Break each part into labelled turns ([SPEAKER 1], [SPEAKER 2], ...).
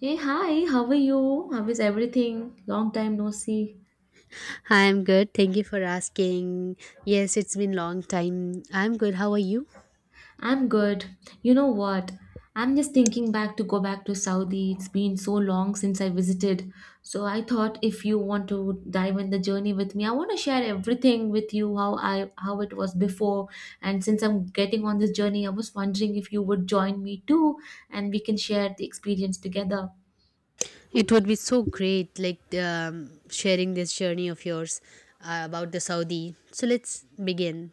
[SPEAKER 1] Hey, hi, how are you? How is everything? Long time no see.
[SPEAKER 2] Hi, I'm good. Thank you for asking. Yes, it's been long time. I'm good. How are you?
[SPEAKER 1] I'm good. You know what? I'm just thinking back to go back to Saudi. It's been so long since I visited. So I thought if you want to dive in the journey with me, I want to share everything with you how I how it was before. And since I'm getting on this journey, I was wondering if you would join me too and we can share the experience together.
[SPEAKER 2] It would be so great, like sharing this journey of yours about the Saudi. So let's begin.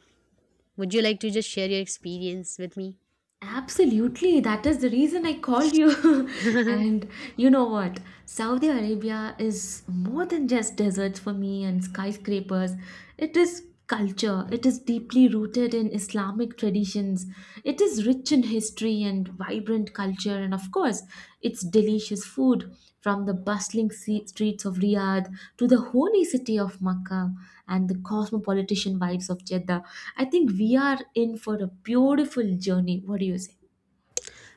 [SPEAKER 2] Would you like to just share your experience with me?
[SPEAKER 1] Absolutely, that is the reason I called you. And you know what? Saudi Arabia is more than just deserts for me and skyscrapers. It is culture, it is deeply rooted in Islamic traditions, it is rich in history and vibrant culture, and of course, its delicious food from the bustling streets of Riyadh to the holy city of Makkah and the cosmopolitan vibes of Jeddah. I think we are in for a beautiful journey. What do you say?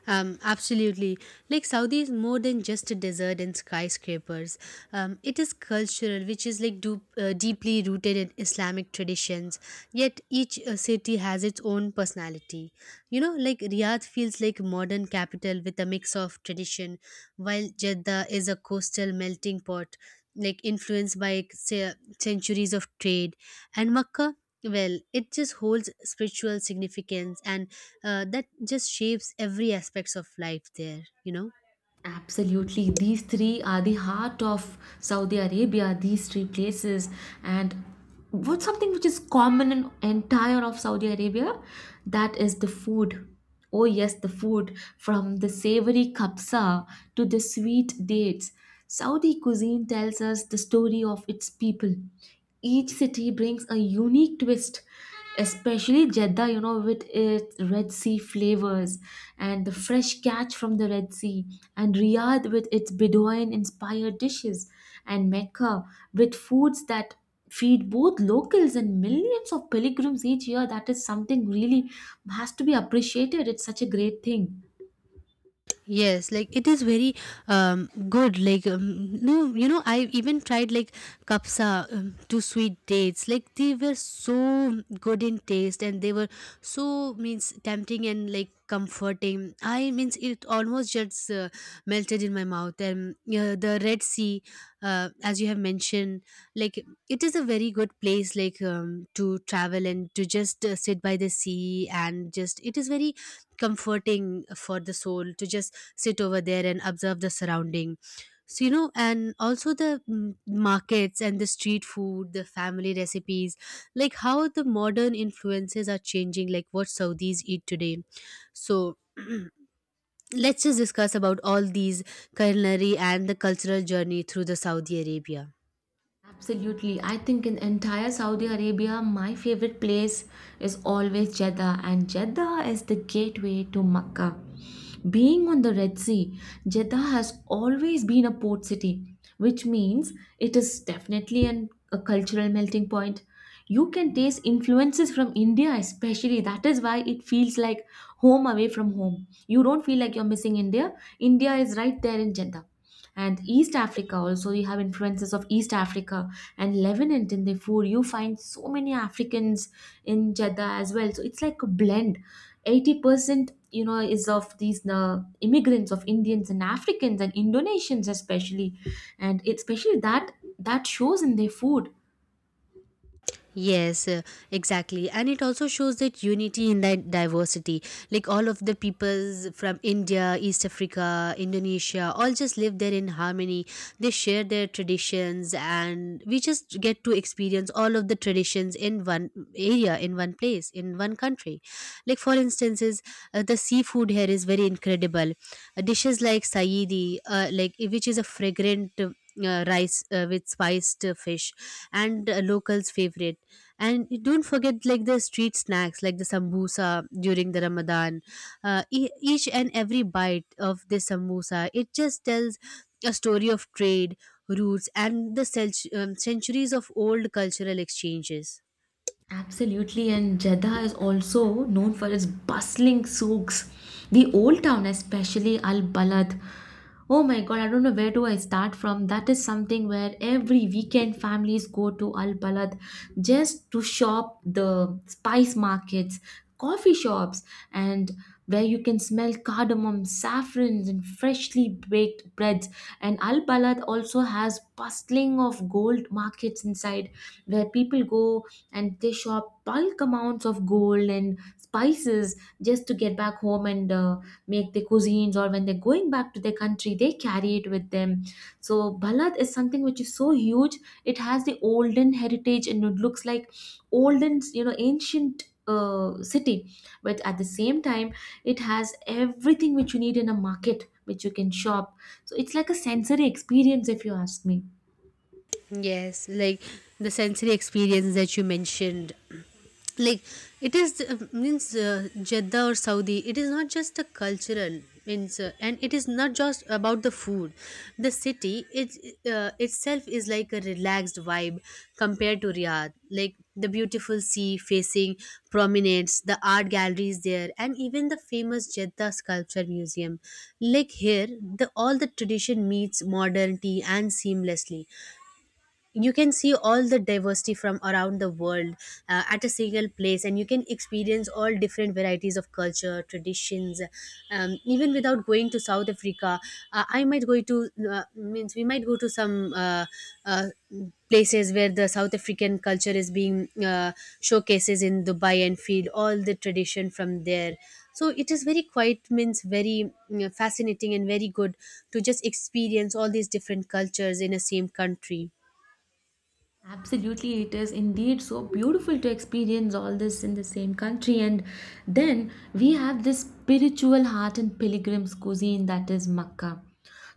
[SPEAKER 2] Absolutely. Like Saudi is more than just a desert and skyscrapers. It is cultural, which is like deeply rooted in Islamic traditions. Yet each city has its own personality. You know, like Riyadh feels like modern capital with a mix of tradition, while Jeddah is a coastal melting pot, like influenced by say, centuries of trade, and Makkah well it just holds spiritual significance and that just shapes every aspects of life there you know.
[SPEAKER 1] Absolutely. These three are the heart of Saudi Arabia, these three places. And what's something which is common in entire of Saudi Arabia? That is the food. Oh yes, the food from the savory kapsa to the sweet dates. Saudi cuisine tells us the story of its people. Each city brings a unique twist, especially Jeddah, you know, with its Red Sea flavors and the fresh catch from the Red Sea, and Riyadh with its Bedouin inspired dishes, and Mecca with foods that feed both locals and millions of pilgrims each year. That is something really has to be appreciated. It's such a great thing.
[SPEAKER 2] Yes, like it is very good. Like no, you know, I even tried like kapsa to sweet dates. Like they were so good in taste, and they were so means tempting and like comforting. I means it almost just melted in my mouth. And the Red Sea, as you have mentioned, like it is a very good place like to travel and to just sit by the sea and just it is very comforting for the soul to just sit over there and observe the surrounding, so you know, and also the markets and the street food, the family recipes, like how the modern influences are changing like what saudis eat today. So let's just discuss about all these culinary and the cultural journey through the Saudi Arabia.
[SPEAKER 1] Absolutely. I think in entire Saudi Arabia, my favorite place is always Jeddah, and Jeddah is the gateway to Mecca. Being on the Red Sea, Jeddah has always been a port city, which means it is definitely a cultural melting point. You can taste influences from India, especially. That is why it feels like home away from home. You don't feel like you're missing India. India is right there in Jeddah, and East Africa. Also, you have influences of East Africa and Lebanon in the food. You find so many Africans in Jeddah as well, so it's like a blend. 80% you know is of these immigrants of Indians and Africans and Indonesians, especially, and especially that shows in their food.
[SPEAKER 2] Yes, exactly. And it also shows that unity in that diversity. Like all of the peoples from India, East Africa, Indonesia, all just live there in harmony. They share their traditions and we just get to experience all of the traditions in one area, in one place, in one country. Like for instances, the seafood here is very incredible. Dishes like saidi like eh, which is a fragrant rice with spiced fish and locals favorite. And don't forget like the street snacks like the sambusa during the Ramadan. Each and every bite of this sambusa, it just tells a story of trade roots and the centuries of old cultural exchanges.
[SPEAKER 1] Absolutely, and Jeddah is also known for its bustling souks, the old town, especially Al Balad. Oh my god, I don't know where do I start from. That is something where every weekend families go to Al Balad just to shop the spice markets, coffee shops, and where you can smell cardamom, saffrons, and freshly baked breads. And Al Balad also has bustling of gold markets inside, where people go and they shop bulk amounts of gold and spices just to get back home and make their cuisines, or when they're going back to their country they carry it with them. So Balad is something which is so huge. It has the olden heritage and it looks like olden, you know, ancient city, but at the same time it has everything which you need in a market, which you can shop. So it's like a sensory experience, if you ask me.
[SPEAKER 2] Yes, like the sensory experience that you mentioned, like it is means Jeddah or Saudi, it is not just a cultural means and it is not just about the food. The city it itself is like a relaxed vibe compared to Riyadh, like the beautiful sea facing promenades, the art galleries there, and even the famous Jeddah sculpture museum. Like here, the all the tradition meets modernity and seamlessly you can see all the diversity from around the world at a single place, and you can experience all different varieties of culture traditions, even without going to South Africa. I might go to means we might go to some uh, places where the South African culture is being showcases in Dubai and feed all the tradition from there. So it is very quite means very fascinating and very good to just experience all these different cultures in a same country.
[SPEAKER 1] Absolutely, it is indeed so beautiful to experience all this in the same country. And then we have this spiritual heart and pilgrim's cuisine, that is Makkah.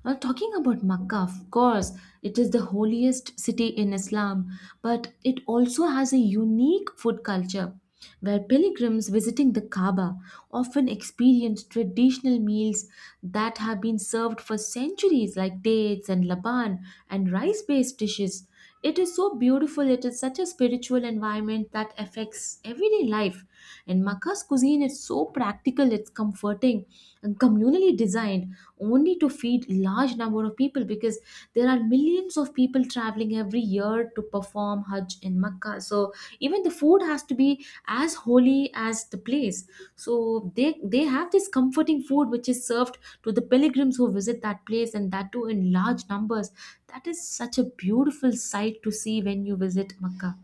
[SPEAKER 1] Now, talking about Makkah, of course, it is the holiest city in Islam, but it also has a unique food culture where pilgrims visiting the Kaaba often experience traditional meals that have been served for centuries, like dates and laban and rice based dishes. It is so beautiful, it is such a spiritual environment that affects everyday life. And Makkah's cuisine is so practical, it's comforting and communally designed only to feed large number of people, because there are millions of people traveling every year to perform Hajj in Makkah. So even the food has to be as holy as the place. So they have this comforting food which is served to the pilgrims who visit that place, and that too in large numbers. That is such a beautiful sight to see when you visit Makkah.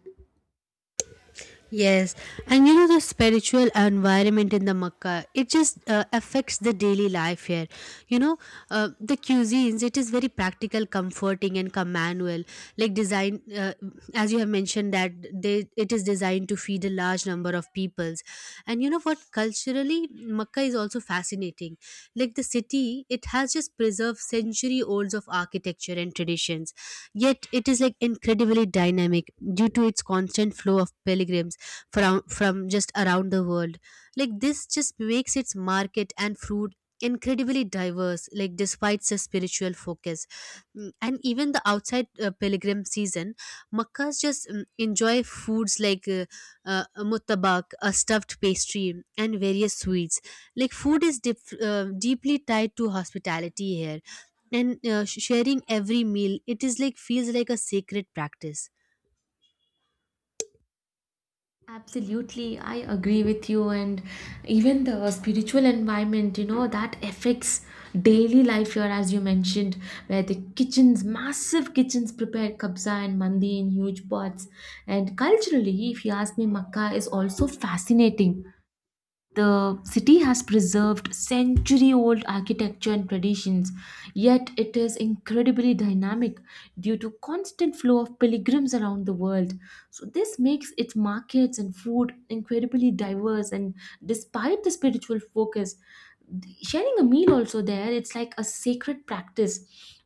[SPEAKER 2] Yes, and you know the spiritual environment in the Makkah, it just affects the daily life here. You know, the cuisines, it is very practical, comforting, and communal. Like design, as you have mentioned that they, it is designed to feed a large number of peoples. And you know what? Culturally, Makkah is also fascinating. Like the city, it has just preserved century olds of architecture and traditions. Yet it is like incredibly dynamic due to its constant flow of pilgrims from just around the world. Like this just makes its market and fruit incredibly diverse, like despite the spiritual focus. And even the outside pilgrim season, makkas just enjoy foods like uh, muttabak, a stuffed pastry, and various sweets. Like food is deeply tied to hospitality here, and sharing every meal, it is like feels like a sacred practice.
[SPEAKER 1] Absolutely, I agree with you, and even the spiritual environment, you know, that affects daily life here, as you mentioned, where the kitchens, massive kitchens, prepare kabsa and mandi in huge pots. And culturally, if you ask me, Makkah is also fascinating. The city has preserved century old architecture and traditions, yet it is incredibly dynamic due to constant flow of pilgrims around the world. So this makes its markets and food incredibly diverse. And despite the spiritual focus, sharing a meal also there, it's like a sacred practice,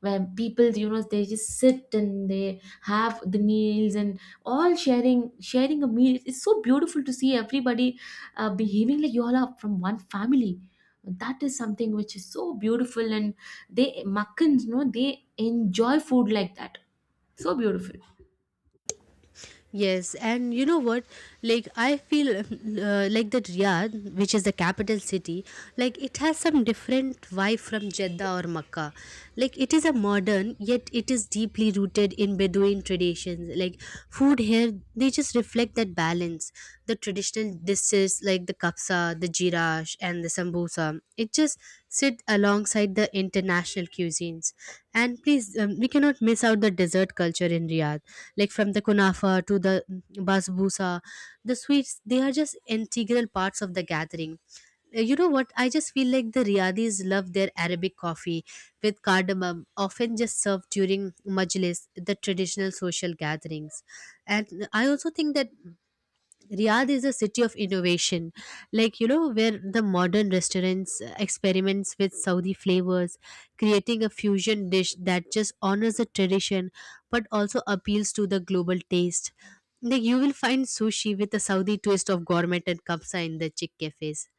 [SPEAKER 1] where people, you know, they just sit and they have the meals, and all sharing a meal, it's so beautiful to see everybody behaving like you all are from one family. That is something which is so beautiful, and they Makkans, you know, they enjoy food like that, so beautiful.
[SPEAKER 2] Yes, and you know what? Like, I feel like that Riyadh, which is the capital city, like it has some different vibe from Jeddah or Makkah. Like, it is a modern, yet it is deeply rooted in Bedouin traditions. Like, food here, they just reflect that balance. The traditional dishes like the kapsa, the jirash, and the sambusa, it just sit along alongside the international cuisines. And please, we cannot miss out the dessert culture in Riyadh, like from the kunafa to the basbousa. The sweets, they are just integral parts of the gathering. You know what? I just feel like the Riyadis love their Arabic coffee with cardamom, often just served during majlis, the traditional social gatherings. And I also think that Riyadh is a city of innovation, like you know, where the modern restaurants experiments with Saudi flavors, creating a fusion dish that just honors the tradition but also appeals to the global taste. Like you will find sushi with a Saudi twist of gourmet and kapsa in the chic cafes.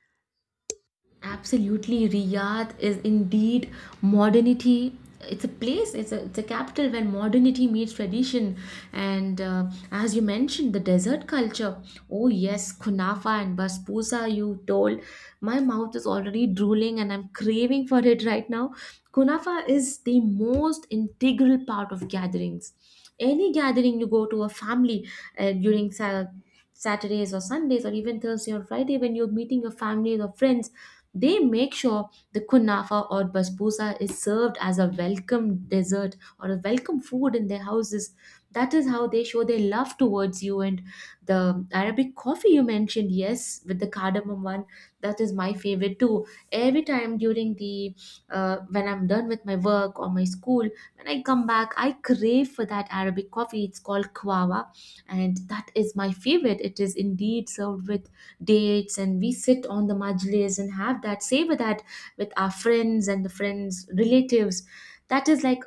[SPEAKER 1] Absolutely, Riyadh is indeed modernity. It's a place, it's a capital when modernity meets tradition. And as you mentioned, the desert culture. Oh, yes, kunafa and basbousa, you told. My mouth is already drooling and I'm craving for it right now. Kunafa is the most integral part of gatherings. Any gathering you go to a family during Saturdays or Sundays, or even Thursday or Friday, when you're meeting your families or friends, they make sure the kunafa or basbousa is served as a welcome dessert or a welcome food in their houses. That is how they show their love towards you. And the Arabic coffee you mentioned, yes, with the cardamom one, that is my favorite too. Every time during the when I'm done with my work or my school, when I come back, I crave for that Arabic coffee. It's called kawawa, and that is my favorite. It is indeed served with dates and we sit on the majlis and have that, savor that with our friends and the friends relatives. That is like,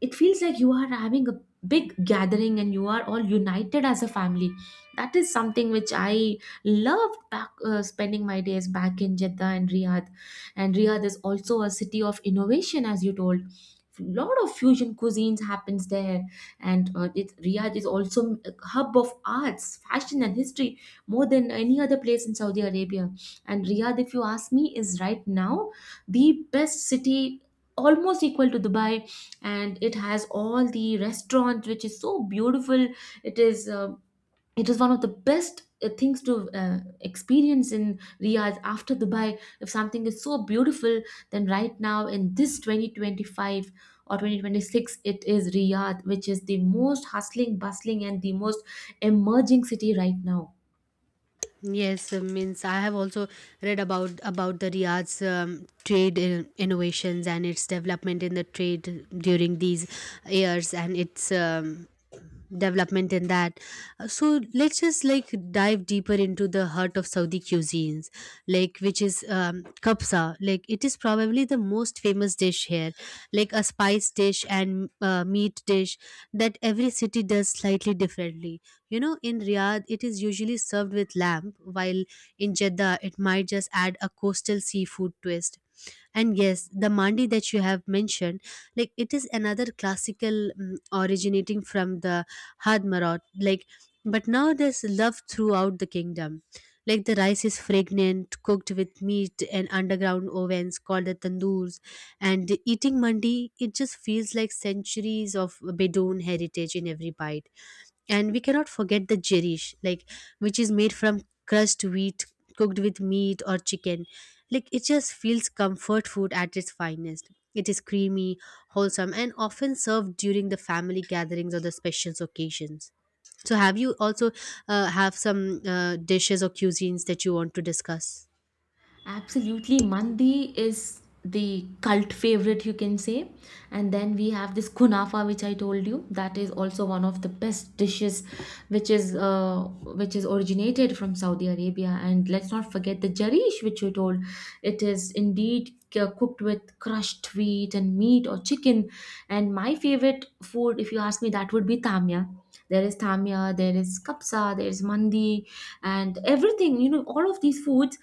[SPEAKER 1] it feels like you are having a big gathering and you are all united as a family. That is something which I loved back, spending my days back in Jeddah and Riyadh. And Riyadh is also a city of innovation, as you told. Lot of fusion cuisines happens there, and Riyadh is also a hub of arts, fashion, and history, more than any other place in Saudi Arabia. And Riyadh, if you ask me, is right now the best city, almost equal to Dubai, and it has all the restaurant which is so beautiful. It is it is one of the best things to experience in Riyadh after Dubai. If something is so beautiful, then right now in this 2025 or 2026, it is Riyadh which is the most hustling, bustling, and the most emerging city right now.
[SPEAKER 2] Yes, means I have also read about the Riyadh's trade innovations and its development in the trade during these years and its development in that. So let's just like dive deeper into the heart of Saudi cuisines, like which is kabsa. Like it is probably the most famous dish here, like a spice dish and meat dish that every city does slightly differently. You know, in Riyadh, it is usually served with lamb, while in Jeddah, it might just add a coastal seafood twist. And yes, the mandi that you have mentioned, like it is another classical originating from the Hadmarot, like, but now there's love throughout the kingdom. Like the rice is fragrant, cooked with meat and underground ovens called the tandoors, and eating mandi, it just feels like centuries of Bedouin heritage in every bite. And we cannot forget the jerish, like which is made from crushed wheat cooked with meat or chicken. Like it just feels comfort food at its finest. It is creamy, wholesome, and often served during the family gatherings or the special occasions. So, have you also have some dishes or cuisines that you want to discuss?
[SPEAKER 1] Absolutely. Mandi is the cult favorite, you can say. And then we have this kunafa, which I told you. That is also one of the best dishes, which is uh, which is originated from Saudi Arabia. And let's not forget the jarish, which you told. It is indeed cooked with crushed wheat and meat or chicken. And my favorite food, if you ask me, that would be tamya. There is tamya, there is kapsa, there is mandi, and everything. You know, all of these foods,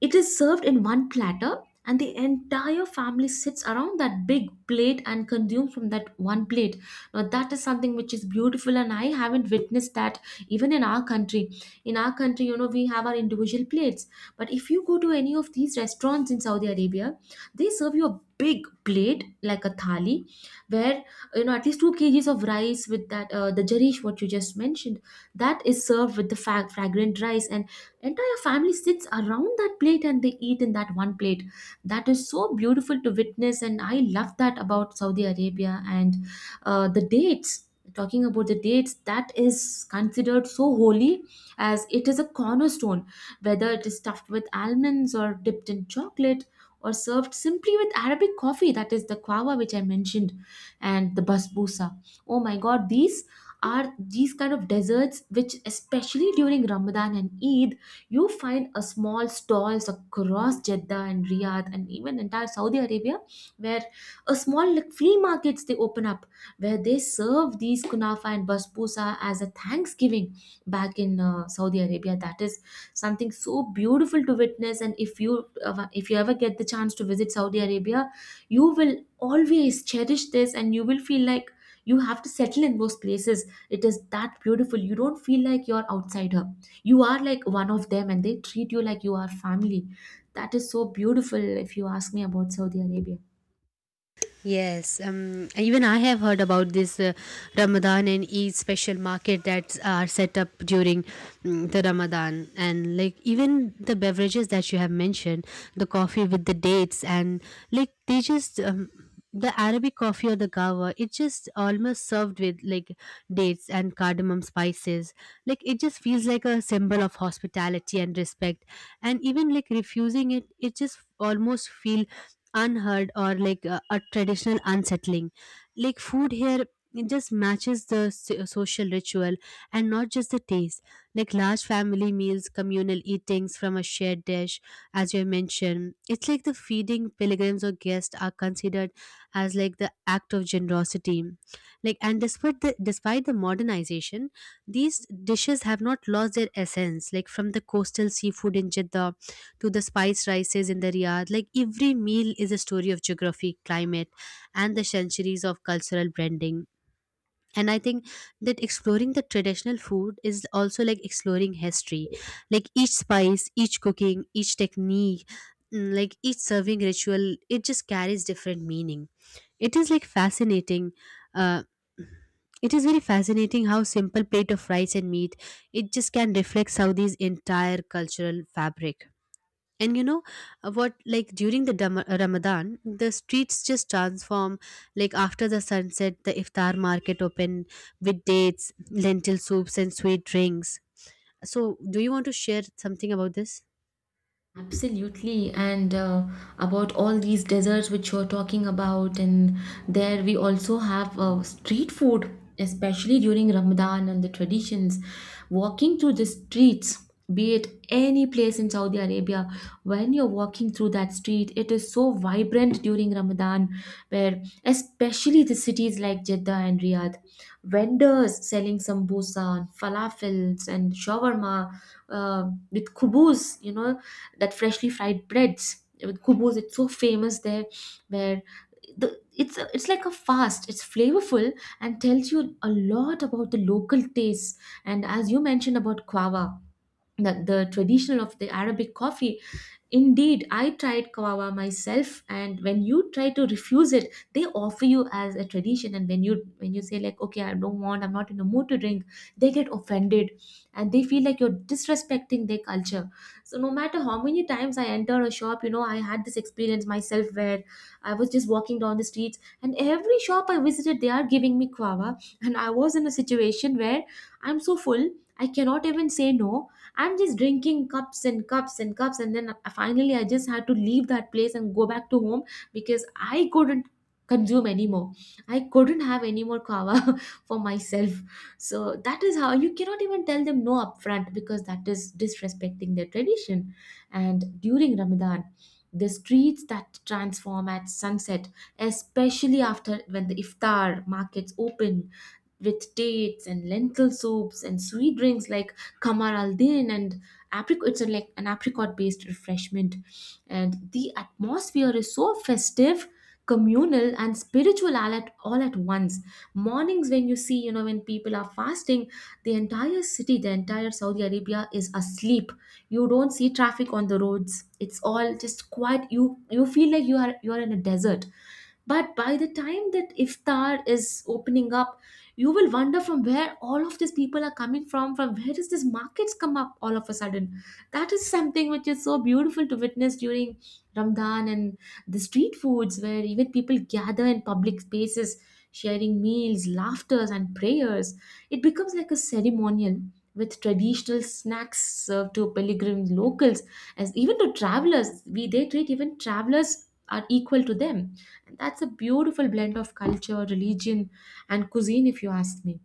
[SPEAKER 1] it is served in one platter, and the entire family sits around that big plate and consumes from that one plate. Now, that is something which is beautiful, and I haven't witnessed that even in our country. In our country, you know, we have our individual plates, but if you go to any of these restaurants in Saudi Arabia, they serve you a big plate like a thali where you know at least 2 kg kgs of rice with that the jarish what you just mentioned, that is served with the fragrant rice, and entire family sits around that plate and they eat in that one plate. That is so beautiful to witness, and I love that about Saudi Arabia. And the dates, talking about the dates, that is considered so holy, as it is a cornerstone, whether it is stuffed with almonds or dipped in chocolate or served simply with Arabic coffee, that is the kawa which I mentioned. And the basbousa, oh my god, these are these kind of desserts which, especially during Ramadan and Eid, you find a small stalls across Jeddah and Riyadh and even entire Saudi Arabia, where a small, like flea markets, they open up, where they serve these kunafa and basbousa as a thanksgiving back in Saudi Arabia. That is something so beautiful to witness. And if you ever get the chance to visit Saudi Arabia, you will always cherish this, and you will feel like you have to settle in those places. It is that beautiful. You don't feel like you're outsider, you are like one of them, and they treat you like you are family. That is so beautiful, if you ask me, about Saudi Arabia.
[SPEAKER 2] Yes, even I have heard about this Ramadan and Eid special market that are set up during the Ramadan, and like even the beverages that you have mentioned, the coffee with the dates, and like they just the Arabic coffee or the gawa, it just almost served with like dates and cardamom spices. Like it just feels like a symbol of hospitality and respect, and even like refusing it, it just almost feel unheard or like a traditional unsettling. Like food here, it just matches the social ritual and not just the taste. Like large family meals, communal eatings from a shared dish, as you mentioned, it's like the feeding pilgrims or guests are considered as like the act of generosity. Like, and despite the modernization, these dishes have not lost their essence, like from the coastal seafood in Jeddah to the spice rises in the Riyadh. Like every meal is a story of geography, climate, and the centuries of cultural blending. And I think that exploring the traditional food is also like exploring history. Like each spice, each cooking, each technique, like each serving ritual, it just carries different meaning. It is like fascinating. Uh, it is very fascinating how simple plate of rice and meat it just can reflect Saudi's entire cultural fabric. And you know what, like during the Ramadan, the streets just transform, like after the sunset the iftar market open with dates, lentil soups and sweet drinks. So do you want to share something about this?
[SPEAKER 1] Absolutely, and about all these desserts which you're talking about, and there we also have street food, especially during Ramadan and the traditions. Walking through the streets, be it any place in Saudi Arabia, when you're walking through that street, it is so vibrant during Ramadan, where especially the cities like Jeddah and Riyadh, vendors selling sambusa, falafels, and shawarma with kubus, you know, that freshly fried breads with kubos, it's so famous there, where it's like a fast, it's flavorful and tells you a lot about the local tastes. And as you mentioned about quava, the traditional of the Arabic coffee. Indeed, I tried kava myself, and when you try to refuse it, they offer you as a tradition. And when you say like, okay, I don't want, I'm not in the mood to drink, they get offended, and they feel like you're disrespecting their culture. So no matter how many times I entered a shop, you know, I had this experience myself where I was just walking down the streets, and every shop I visited, they are giving me kava, and I was in a situation where I'm so full, I cannot even say no. I'm just drinking cups and cups and cups, and then finally I just had to leave that place and go back to home, because I couldn't consume anymore. I couldn't have any more kava for myself. So that is how you cannot even tell them no upfront, because that is disrespecting their tradition. And during Ramadan, the streets that transform at sunset, especially after when the iftar markets open with dates and lentil soups and sweet drinks like kamar al din and apricot, it's a, like an apricot based refreshment, and the atmosphere is so festive, communal, and spiritual all at once. Mornings when you see, you know, when people are fasting, the entire city, the entire Saudi Arabia is asleep. You don't see traffic on the roads, it's all just quiet. You feel like you are in a desert. But by the time that iftar is opening up, you will wonder from where all of these people are coming from where does this markets come up all of a sudden. That is something which is so beautiful to witness during Ramadan. And the street foods, where even people gather in public spaces, sharing meals, laughters, and prayers, it becomes like a ceremonial, with traditional snacks served to pilgrim locals, as even to travelers. We They treat even travelers are equal to them, and that's a beautiful blend of culture, religion, and cuisine, if you ask me.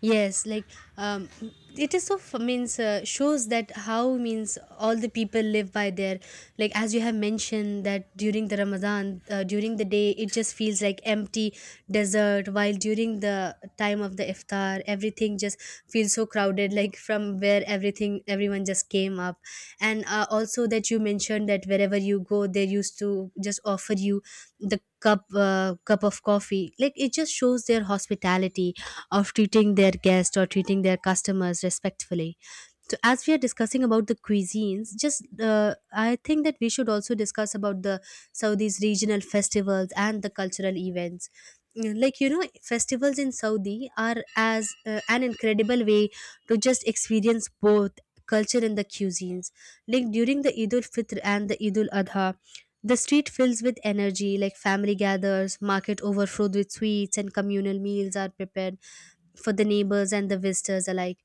[SPEAKER 2] Yes, like um, it is so means shows that how means all the people live by their, like as you have mentioned that during the Ramadan during the day it just feels like empty desert, while during the time of the iftar everything just feels so crowded like from where everything everyone just came up. And also that you mentioned that wherever you go they used to just offer you the cup of coffee, like it just shows their hospitality of treating their guests or treating their customers respectfully. So, as we are discussing about the cuisines, just I think that we should also discuss about the Saudi's regional festivals and the cultural events. Like you know, festivals in Saudi are as an incredible way to just experience both culture and the cuisines. Like during the Eid ul Fitr and the Eid ul Adha, the street fills with energy. Like family gathers, market overflowed with sweets, and communal meals are prepared for the neighbors and the visitors alike.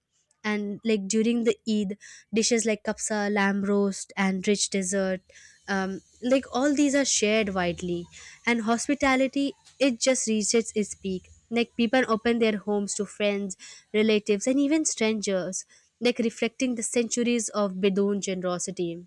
[SPEAKER 2] And like during the Eid, dishes like kapsa, lamb roast, and rich dessert, like all these are shared widely. And hospitality, it just reaches its peak. Like people open their homes to friends, relatives, and even strangers, like reflecting the centuries of Bedouin generosity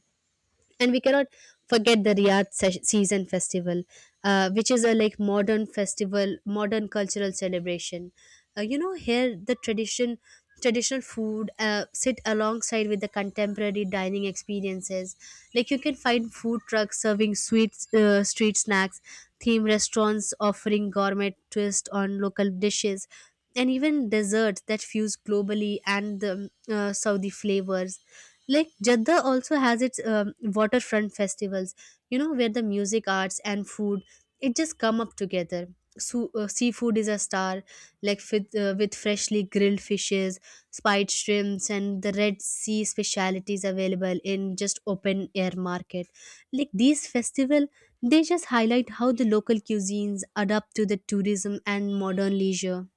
[SPEAKER 2] and we cannot forget the season festival, which is a like modern festival, modern cultural celebration. Here the traditional food sit alongside with the contemporary dining experiences. Like you can find food trucks serving sweets, street snacks, theme restaurants offering gourmet twist on local dishes and even desserts that fuse globally and the Saudi flavors. Like Jeddah also has its waterfront festivals, you know, where the music, arts, and food it just come up together. So, seafood is a star, like with freshly grilled fishes, spiced shrimps, and the Red Sea specialities available in just open air market. Like these festival, they just highlight how the local cuisines adapt to the tourism and modern leisure.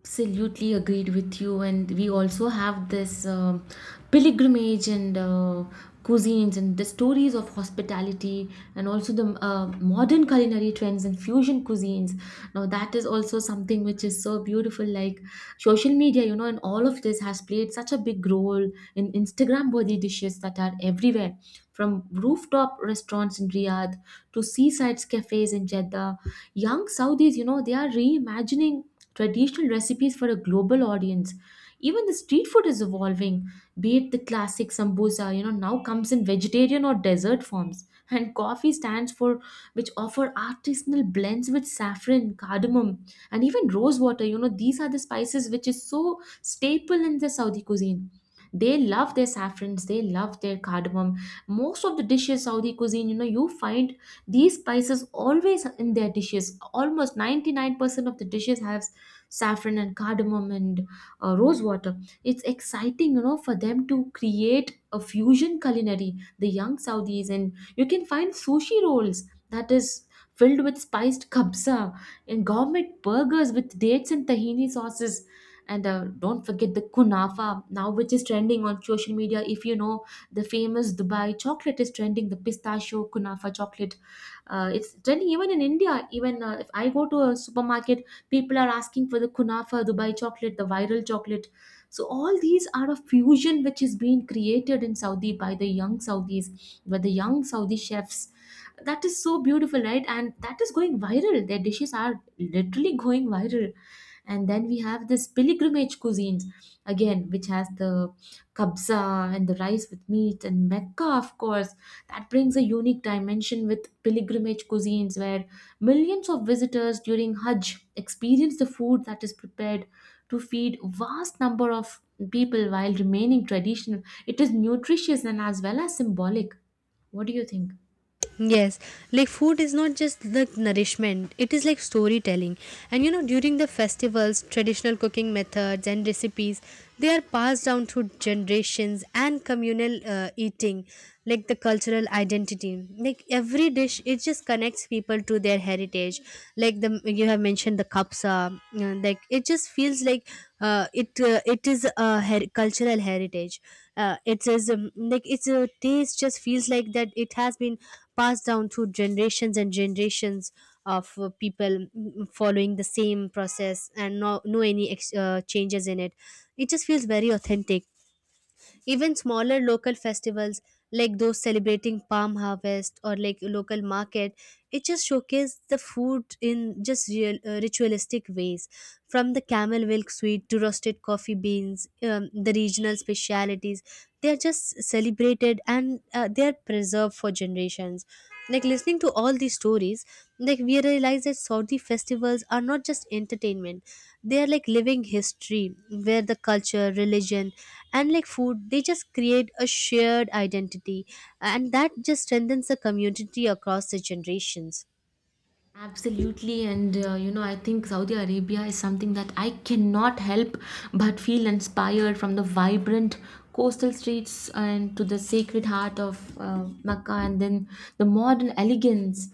[SPEAKER 1] Absolutely agreed with you, and we also have this pilgrimage and cuisines and the stories of hospitality, and also the modern culinary trends and fusion cuisines. Now, that is also something which is so beautiful. Like social media, you know, and all of this has played such a big role in Instagram worthy dishes that are everywhere, from rooftop restaurants in Riyadh to seaside cafes in Jeddah. Young Saudis, you know, they are reimagining traditional recipes for a global audience. Even the street food is evolving, be it the classic sambosa, you know, now comes in vegetarian or dessert forms. And coffee stands for which offer artisanal blends with saffron, cardamom, and even rose water. You know, these are the spices which is so staple in the Saudi cuisine. They love their saffrons, they love their cardamom. Most of the dishes, Saudi cuisine, you know, you find these spices always in their dishes. Almost 99% of the dishes have saffron and cardamom and rose water. It's exciting, you know, for them to create a fusion culinary, the young Saudis, and you can find sushi rolls that is filled with spiced kabsa and gourmet burgers with dates and tahini sauces. And don't forget the kunafa now, which is trending on social media. If you know the famous Dubai chocolate is trending, the pistachio kunafa chocolate. It's trending even in India. Even if I go to a supermarket, people are asking for the kunafa, Dubai chocolate, the viral chocolate. So all these are a fusion which is being created in Saudi by the young Saudis, by the young Saudi chefs. That is so beautiful, right? And that is going viral. Their dishes are literally going viral. And then we have this pilgrimage cuisines again, which has the kabza and the rice with meat and Mecca, of course. That brings a unique dimension with pilgrimage cuisines where millions of visitors during Hajj experience the food that is prepared to feed vast number of people while remaining traditional. It is nutritious and as well as symbolic. What do you think?
[SPEAKER 2] Yes, like food is not just like nourishment, it is like storytelling. And you know, during the festivals, traditional cooking methods and recipes they are passed down through generations and communal eating, like the cultural identity. Like every dish, it just connects people to their heritage. Like the you have mentioned the kapsa, like it just feels like it is a cultural heritage. It is like it's a taste just feels like that it has been passed down through generations and generations of people, following the same process, and no any changes in it. It just feels very authentic. Even smaller local festivals like those celebrating palm harvest or like local market, it just showcases the food in just real ritualistic ways, from the camel milk sweet to roasted coffee beans, the regional specialities, they are just celebrated and they are preserved for generations. Like listening to all these stories, like we realize that Saudi festivals are not just entertainment, they are like living history, where the culture, religion, and like food, they just create a shared identity, and that just strengthens the community across the generations.
[SPEAKER 1] Absolutely, and you know, I think Saudi Arabia is something that I cannot help but feel inspired from the vibrant coastal streets and to the sacred heart of Mecca, and then the modern elegance.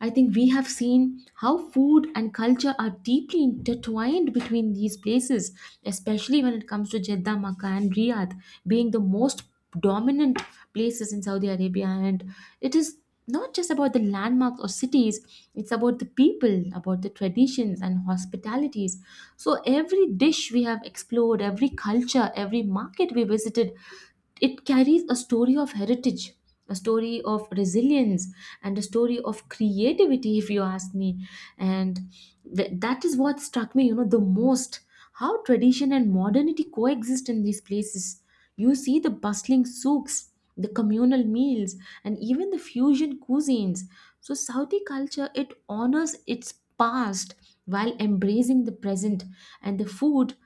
[SPEAKER 1] I think we have seen how food and culture are deeply intertwined between these places, especially when it comes to Jeddah, Makkah, and Riyadh being the most dominant places in Saudi Arabia. And it is not just about the landmarks or cities, it's about the people, about the traditions and hospitalities. So every dish we have explored, every culture, every market we visited, it carries a story of heritage, a story of resilience, and a story of creativity, if you ask me. And that is what struck me, you know, the most, how tradition and modernity coexist in these places. You see the bustling souks, the communal meals, and even the fusion cuisines. So Saudi culture, it honors its past while embracing the present, and the food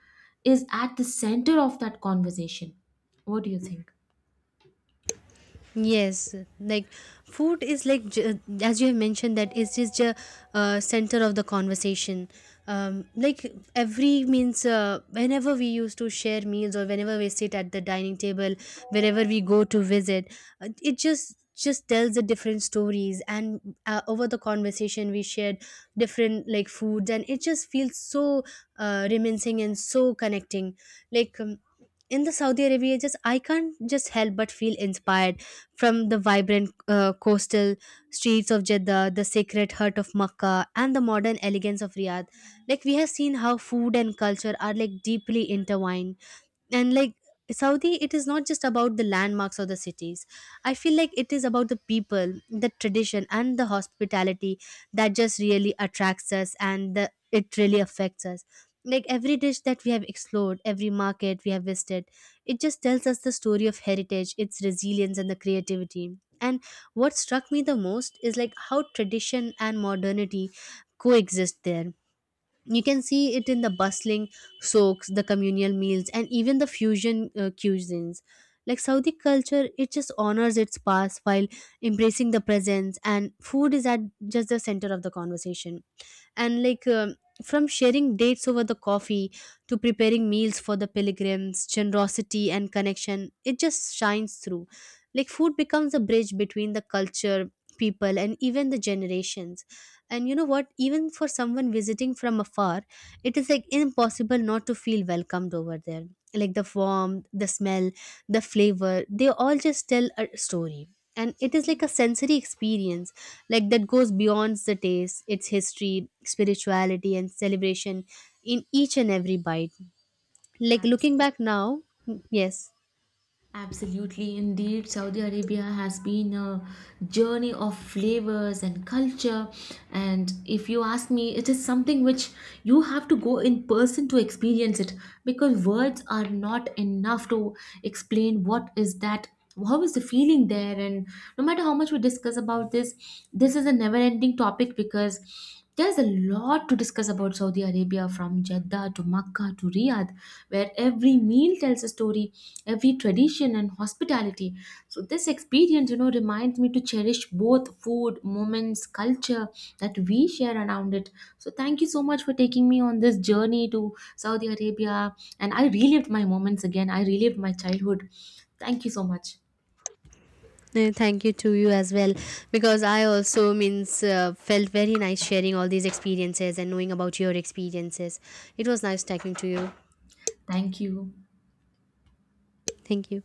[SPEAKER 1] is at the center of that conversation. What do you think?
[SPEAKER 2] Yes, like food is like as you have mentioned, that it is the center of the conversation. Like every means, whenever we used to share meals or whenever we sit at the dining table, wherever we go to visit, it just tells the different stories, and over the conversation we shared different like foods, and it just feels so reminiscing and so connecting. Like in the Saudi Arabia, just I can't just help but feel inspired from the vibrant coastal streets of Jeddah, the sacred heart of Makkah, and the modern elegance of Riyadh. Like we have seen how food and culture are like deeply intertwined, and like Saudi, it is not just about the landmarks or the cities. I feel like it is about the people, the tradition, and the hospitality that just really attracts us, and it really affects us. Like every dish that we have explored, every market we have visited, it just tells us the story of heritage, its resilience, and the creativity. And what struck me the most is like how tradition and modernity coexist there. You can see it in the bustling souks, the communal meals, and even the fusion cuisines. Like Saudi culture, it just honors its past while embracing the present, and food is at just the center of the conversation. And like from sharing dates over the coffee to preparing meals for the pilgrims, generosity and connection, it just shines through. Like food becomes a bridge between the culture, people, and even the generations. And you know what, even for someone visiting from afar, it is like impossible not to feel welcomed over there. Like the warmth, the smell, the flavor, they all just tell a story, and it is like a sensory experience, like that goes beyond the taste. Its history, spirituality, and celebration in each and every bite. Like looking
[SPEAKER 1] Absolutely.
[SPEAKER 2] back now, yes.
[SPEAKER 1] Absolutely, indeed, Saudi Arabia has been a journey of flavors and culture. And if you ask me, it is something which you have to go in person to experience, it because words are not enough to explain what is that, how is the feeling there. And no matter how much we discuss about this, this is a never ending topic, because there's a lot to discuss about Saudi Arabia, from Jeddah to Makkah to Riyadh, where every meal tells a story, every tradition and hospitality. So this experience, you know, reminds me to cherish both food, moments, culture that we share around it. So thank you so much for taking me on this journey to Saudi Arabia. And I relived my moments again, I relived my childhood. Thank you so much.
[SPEAKER 2] Thank you to you as well, because I also means felt very nice sharing all these experiences and knowing about your experiences. It was nice talking to you.
[SPEAKER 1] Thank you.
[SPEAKER 2] Thank you.